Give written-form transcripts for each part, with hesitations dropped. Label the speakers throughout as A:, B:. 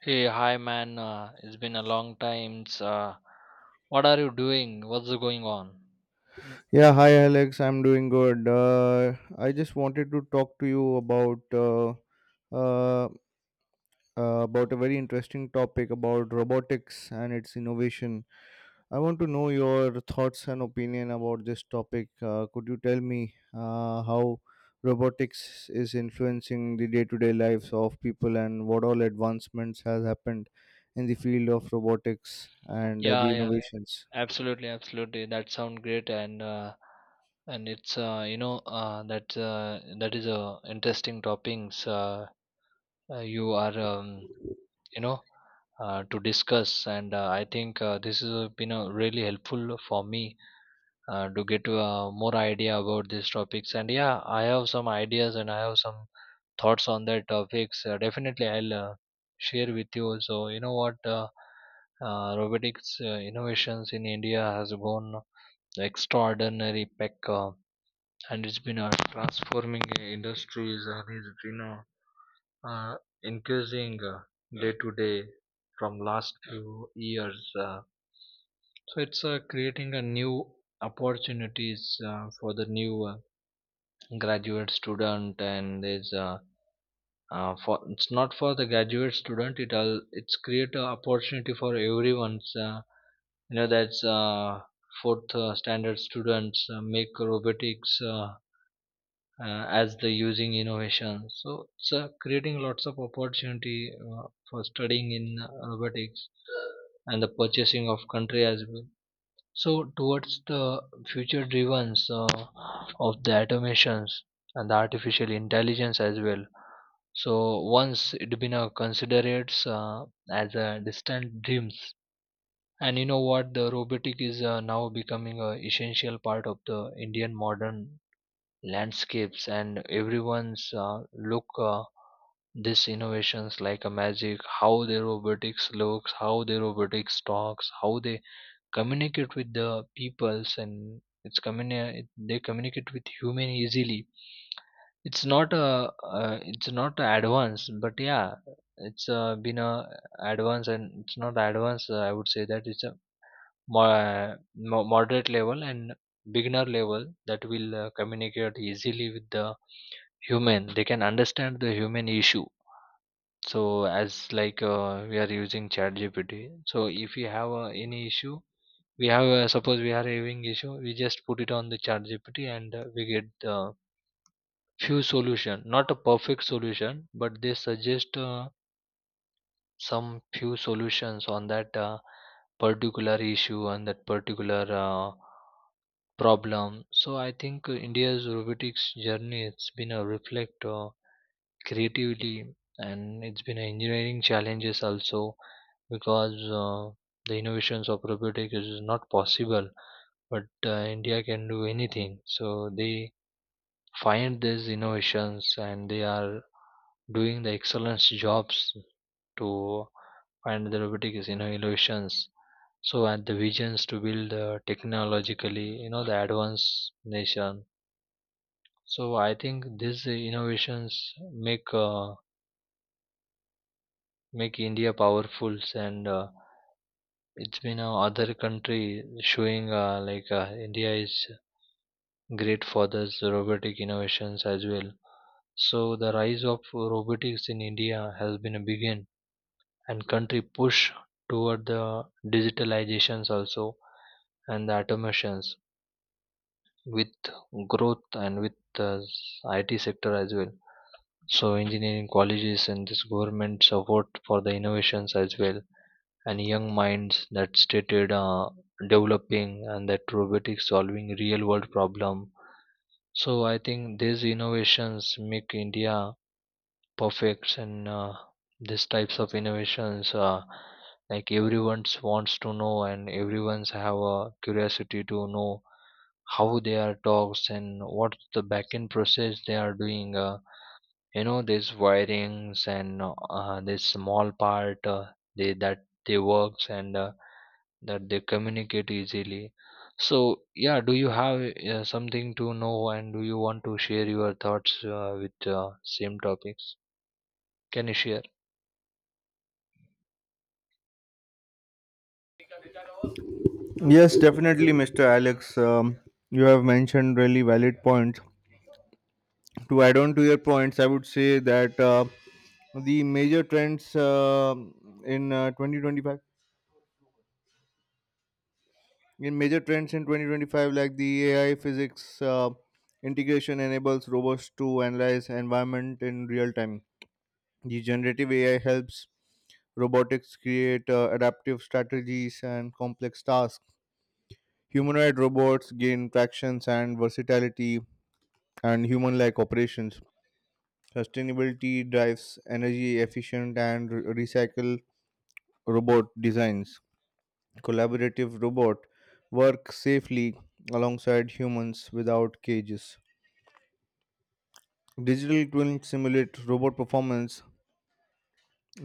A: Hey, hi man. It's been a long time. It's What are you doing? What's going on?
B: Yeah, hi Alex. I'm doing good. I just wanted to talk to you uh, about a very interesting topic about robotics and its innovation. I want to know your thoughts and opinion about this topic. Could you tell me how robotics is influencing the day-to-day lives of people and what all advancements has happened in the field of robotics and
A: Yeah,
B: the
A: yeah,
B: innovations?
A: absolutely, absolutely. That sounds great, and it's you know that is a interesting topics. You are you know To discuss, and I think this has been really helpful for me to get more idea about these topics. And yeah, I have some ideas, and I have some thoughts on that topics. Definitely I'll share with you so you know what robotics innovations in india has gone extraordinary peck, and it's been transforming industries and it's been uh, increasing day to day from last few years uh, so it's creating a new opportunities for the new graduate student and there's for it's not for the graduate student it all it's create a opportunity for everyone's you know that's fourth standard students make robotics as the using innovation so it's creating lots of opportunity for studying in robotics and the purchasing of country as well, so towards the future drivens of the automations and the artificial intelligence as well. So once it been considered as a distant dreams. And you know what? The robotic is now becoming a essential part of the Indian modern landscapes, and everyone's look these innovations like a magic. How the robotics looks, how the robotics talks, how they communicate with the peoples and it's they communicate with human easily. It's not a it's not advanced, but yeah, it's been a advanced and it's not advanced. I would say that it's a moderate level and beginner level that will communicate easily with the human. They can understand the human issue, so as like we are using chat gpt. So if you have any issue, we have suppose we are having issue, we just put it on the chat gpt and we get few solution, not a perfect solution, but they suggest some few solutions on that particular issue and that particular problem. So I think india's robotics journey it's been a reflect creativity and it's been a engineering challenges also, because uh, the innovations of robotics is not possible, but India can do anything. So they find these innovations and they are doing the excellent jobs to find the robotic is, you know, innovations. So and the visions to build technologically, you know, the advanced nation. So I think these innovations make India powerful and it's been a other country showing like India is great for this robotic innovations as well. So the rise of robotics in India has been a begin and country push toward the digitalizations also and the automations with growth and with the IT sector as well. So engineering colleges and this government support for the innovations as well and young minds that stated developing and that robotics solving real world problem. So I think these innovations make India perfects and these types of innovations like everyone's wants to know and everyone's have a curiosity to know how they are dogs and what the backend process they are doing, you know these wirings and this small part they that they works and that they communicate easily. So yeah, do you have something to know and do you want to share your thoughts with same topics? Can you share?
B: Yes, definitely, Mr. Alex. You have mentioned really valid points. To add on to your points, I would say that the major trends in 2025, like the AI physics integration enables robots to analyze environment in real time. The generative AI helps robotics create adaptive strategies and complex tasks. Humanoid robots gain tractions and versatility and human like operations. Sustainability drives energy efficient and recycle robot designs. Collaborative robot work safely alongside humans without cages. Digital twin simulate robot performance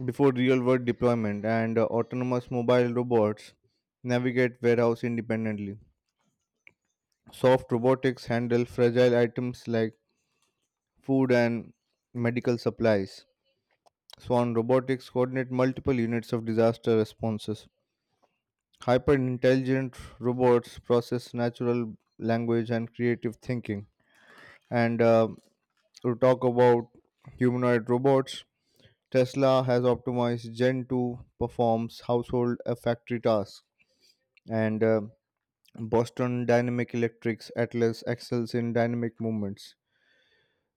B: before real world deployment, and autonomous mobile robots navigate warehouse independently. Soft robotics handle fragile items like food and medical supplies. Swan Robotics coordinate multiple units of disaster responses. Hyper-intelligent robots process natural language and creative thinking. And To talk about humanoid robots, Tesla has optimized Gen 2 performs household and factory tasks. And Boston Dynamic Electric's Atlas excels in dynamic movements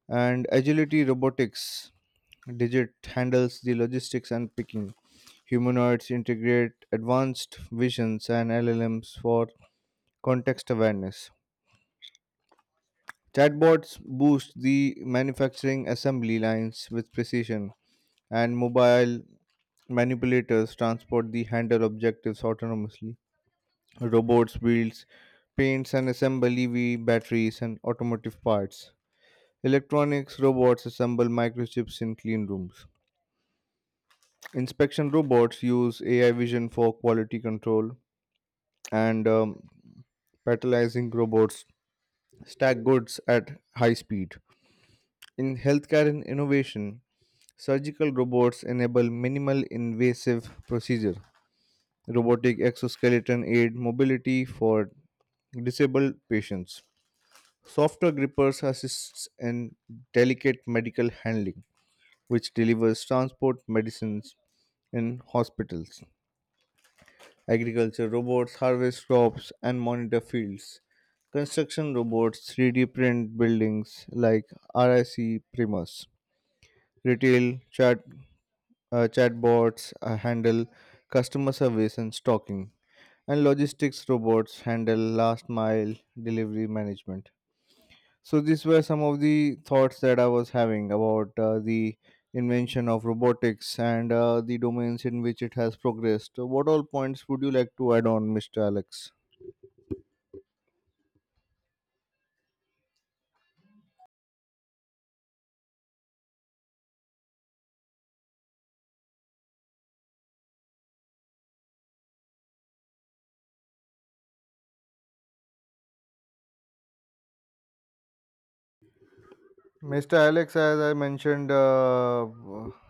B: and agility robotics digit handles the logistics and picking. Humanoids integrate advanced visions and llms for context awareness. Chatbots boost the manufacturing assembly lines with precision, and mobile manipulators transport the handle objectives autonomously. Robots builds paints and assemble ev batteries and automotive parts. Electronics robots assemble microchips in clean rooms. Inspection robots use AI vision for quality control, and patalizing robots stack goods at high speed. In healthcare and innovation, surgical robots enable minimal invasive procedure. Robotic exoskeleton aid mobility for disabled patients. Software grippers assists in delicate medical handling, which delivers transport medicines in hospitals. Agriculture robots harvest crops and monitor fields. Construction robots 3D print buildings like RIC Primus. Retail chatbots handle customer service and stocking. And logistics robots handle last mile delivery management. So these were some of the thoughts that I was having about the invention of robotics and the domains in which it has progressed. So, what all points would you like to add on, Mr. Alex? Mr. Alex, as I mentioned,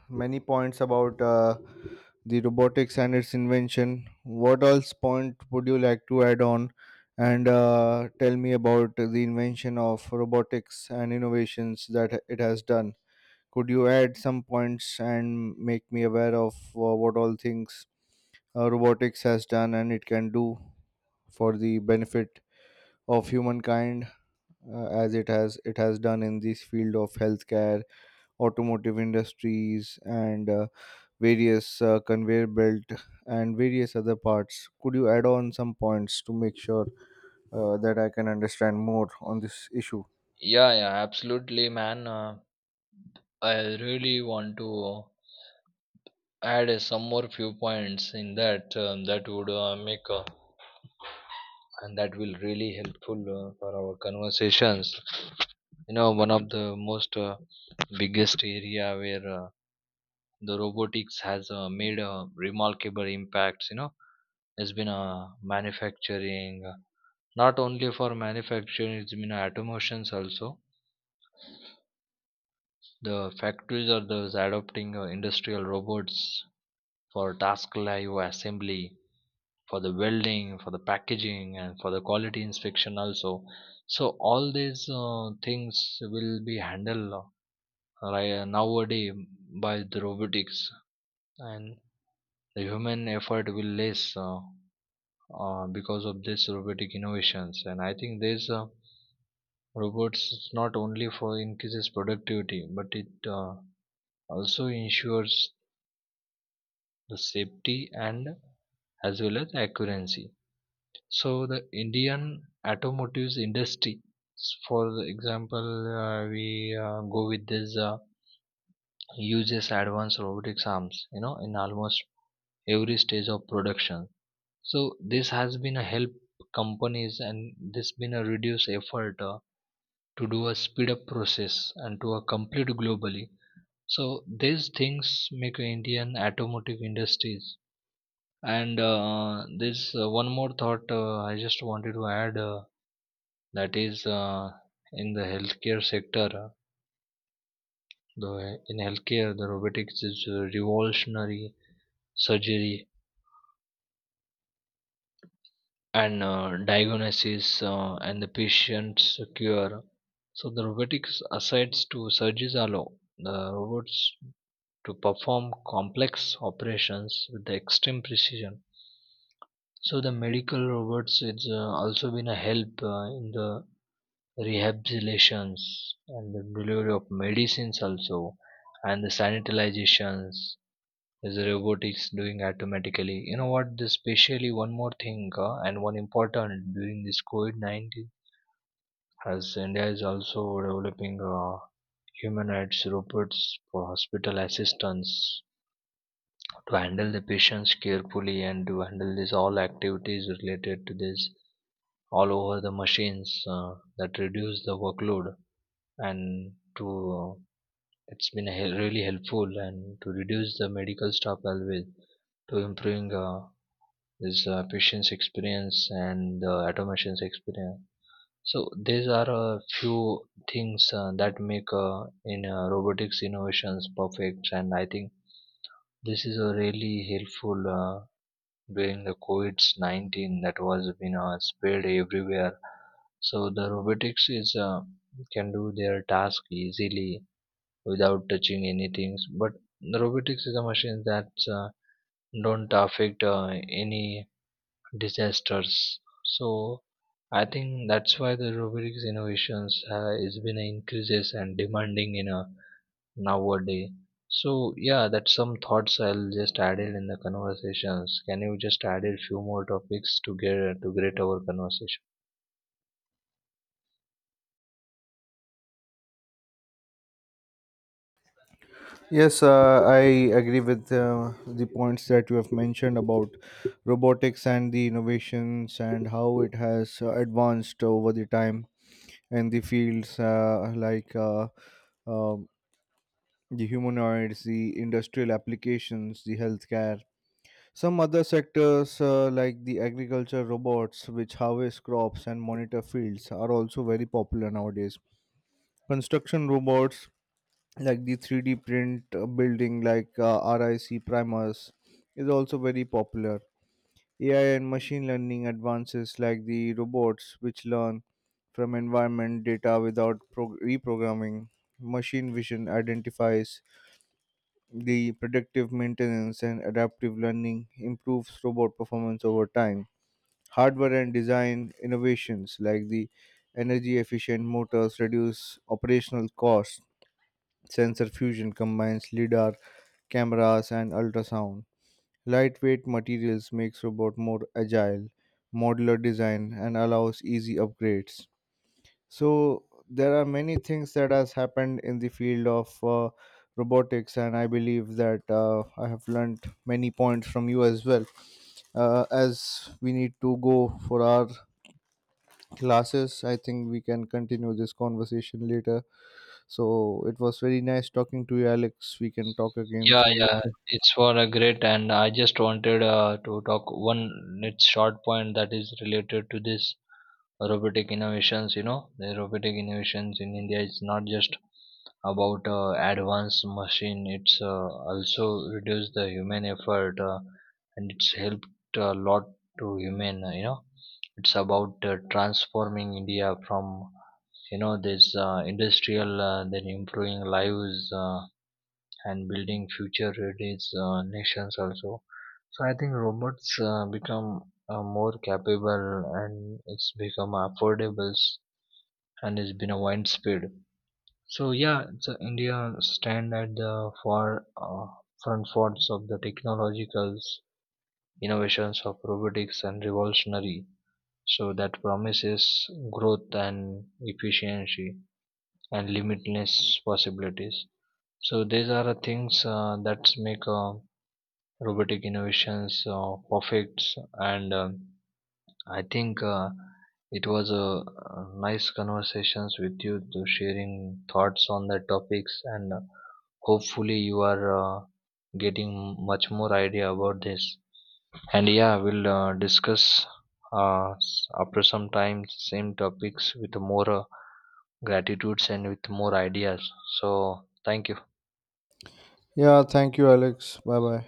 B: many points about the robotics and its invention. What else point would you like to add on and tell me about the invention of robotics and innovations that it has done? Could you add some points and make me aware of what all things robotics has done and it can do for the benefit of humankind as it has done in this field of healthcare, automotive industries, and various conveyor belt and various other parts. Could you add on some points to make sure that I can understand more on this issue?
A: Yeah, yeah, absolutely, man. I really want to add some more few points in that, that would make and that will really helpful for our conversations. You know, one of the most biggest area where the robotics has made a remarkable impacts. You know, has been manufacturing. Not only for manufacturing, it's been automations also. The factories are those adopting industrial robots for task live assembly, for the welding, for the packaging, and for the quality inspection also. So all these things will be handled right nowadays by the robotics, and the human effort will less, because of this robotic innovations. And I think these robots not only for increases productivity, but it also ensures the safety and as well as accuracy. So the Indian automotive industry, for example, we go with this uses advanced robotics arms, you know, in almost every stage of production. So this has been a help companies and this been a reduce effort to do a speed up process and to a complete globally. So these things make Indian automotive industries and this one more thought, I just wanted to add that is in the healthcare sector, the in healthcare the robotics is revolutionary surgery and diagnosis and the patient's cure. So the robotics asides to surgeries allow the robots to perform complex operations with the extreme precision. So the medical robots it's also been a help in the rehabilitations and the delivery of medicines also and the sanitizations is the robotics doing automatically. You know what this especially one more thing and one important during this covid-19, as india is also developing human rights robots for hospital assistants to handle the patients carefully and to handle this all activities related to this all over the machines that reduce the workload and to uh, it's been really helpful and to reduce the medical staff always to improving this patient's experience and the automation's experience. So these are a few things that make in robotics innovations perfect, and I think this is a really helpful during the COVID-19 that was been spread everywhere. So the robotics is can do their task easily without touching anything. But robotics is a machine that don't affect any disasters. So I think that's why the robotics innovations has been increases and demanding in a nowadays. So yeah, that's some thoughts I'll just add it in the conversations. Can you just add a few more topics to get our conversation?
B: Yes, I agree with the points that you have mentioned about robotics and the innovations and how it has advanced over the time and the fields um the humanoids, the industrial applications, the healthcare, some other sectors, like the agriculture robots, which harvest crops and monitor fields, are also very popular nowadays. Construction robots, like the 3D print building, like RIC primers, is also very popular. AI and machine learning advances, like the robots, which learn from environment data without reprogramming. Machine vision identifies the predictive maintenance, and adaptive learning improves robot performance over time. Hardware and design innovations like the energy efficient motors reduce operational costs. Sensor fusion combines LIDAR, cameras, and ultrasound. Lightweight materials makes robot more agile, modular design, and allows easy upgrades. So there are many things that has happened in the field of robotics, and I believe that I have learned many points from you as well. As we need to go for our classes, I think we can continue this conversation later. So it was very nice talking to you, Alex. We can talk again
A: Yeah,
B: soon
A: yeah,
B: later.
A: it's for a great, and I just wanted to talk one its short point that is related to this robotic innovations. You know, the robotic innovations in India is not just about advanced machine; it's also reduce the human effort, and it's helped a lot to human. You know, it's about transforming India from you know this industrial, then improving lives. And building future ready nations also. So I think robots become more capable and it's become affordable and it's been a widespread. So yeah, so India stand at the far front forts of the technological innovations of robotics and revolutionary. So that promises growth and efficiency and limitless possibilities. So these are the things that make robotic innovations perfects and I think it was a nice conversations with you to sharing thoughts on the topics and hopefully you are getting much more idea about this. And yeah, we'll discuss after some time same topics with more gratitudes and with more ideas, so thank you.
B: Yeah, thank you, Alex. Bye bye.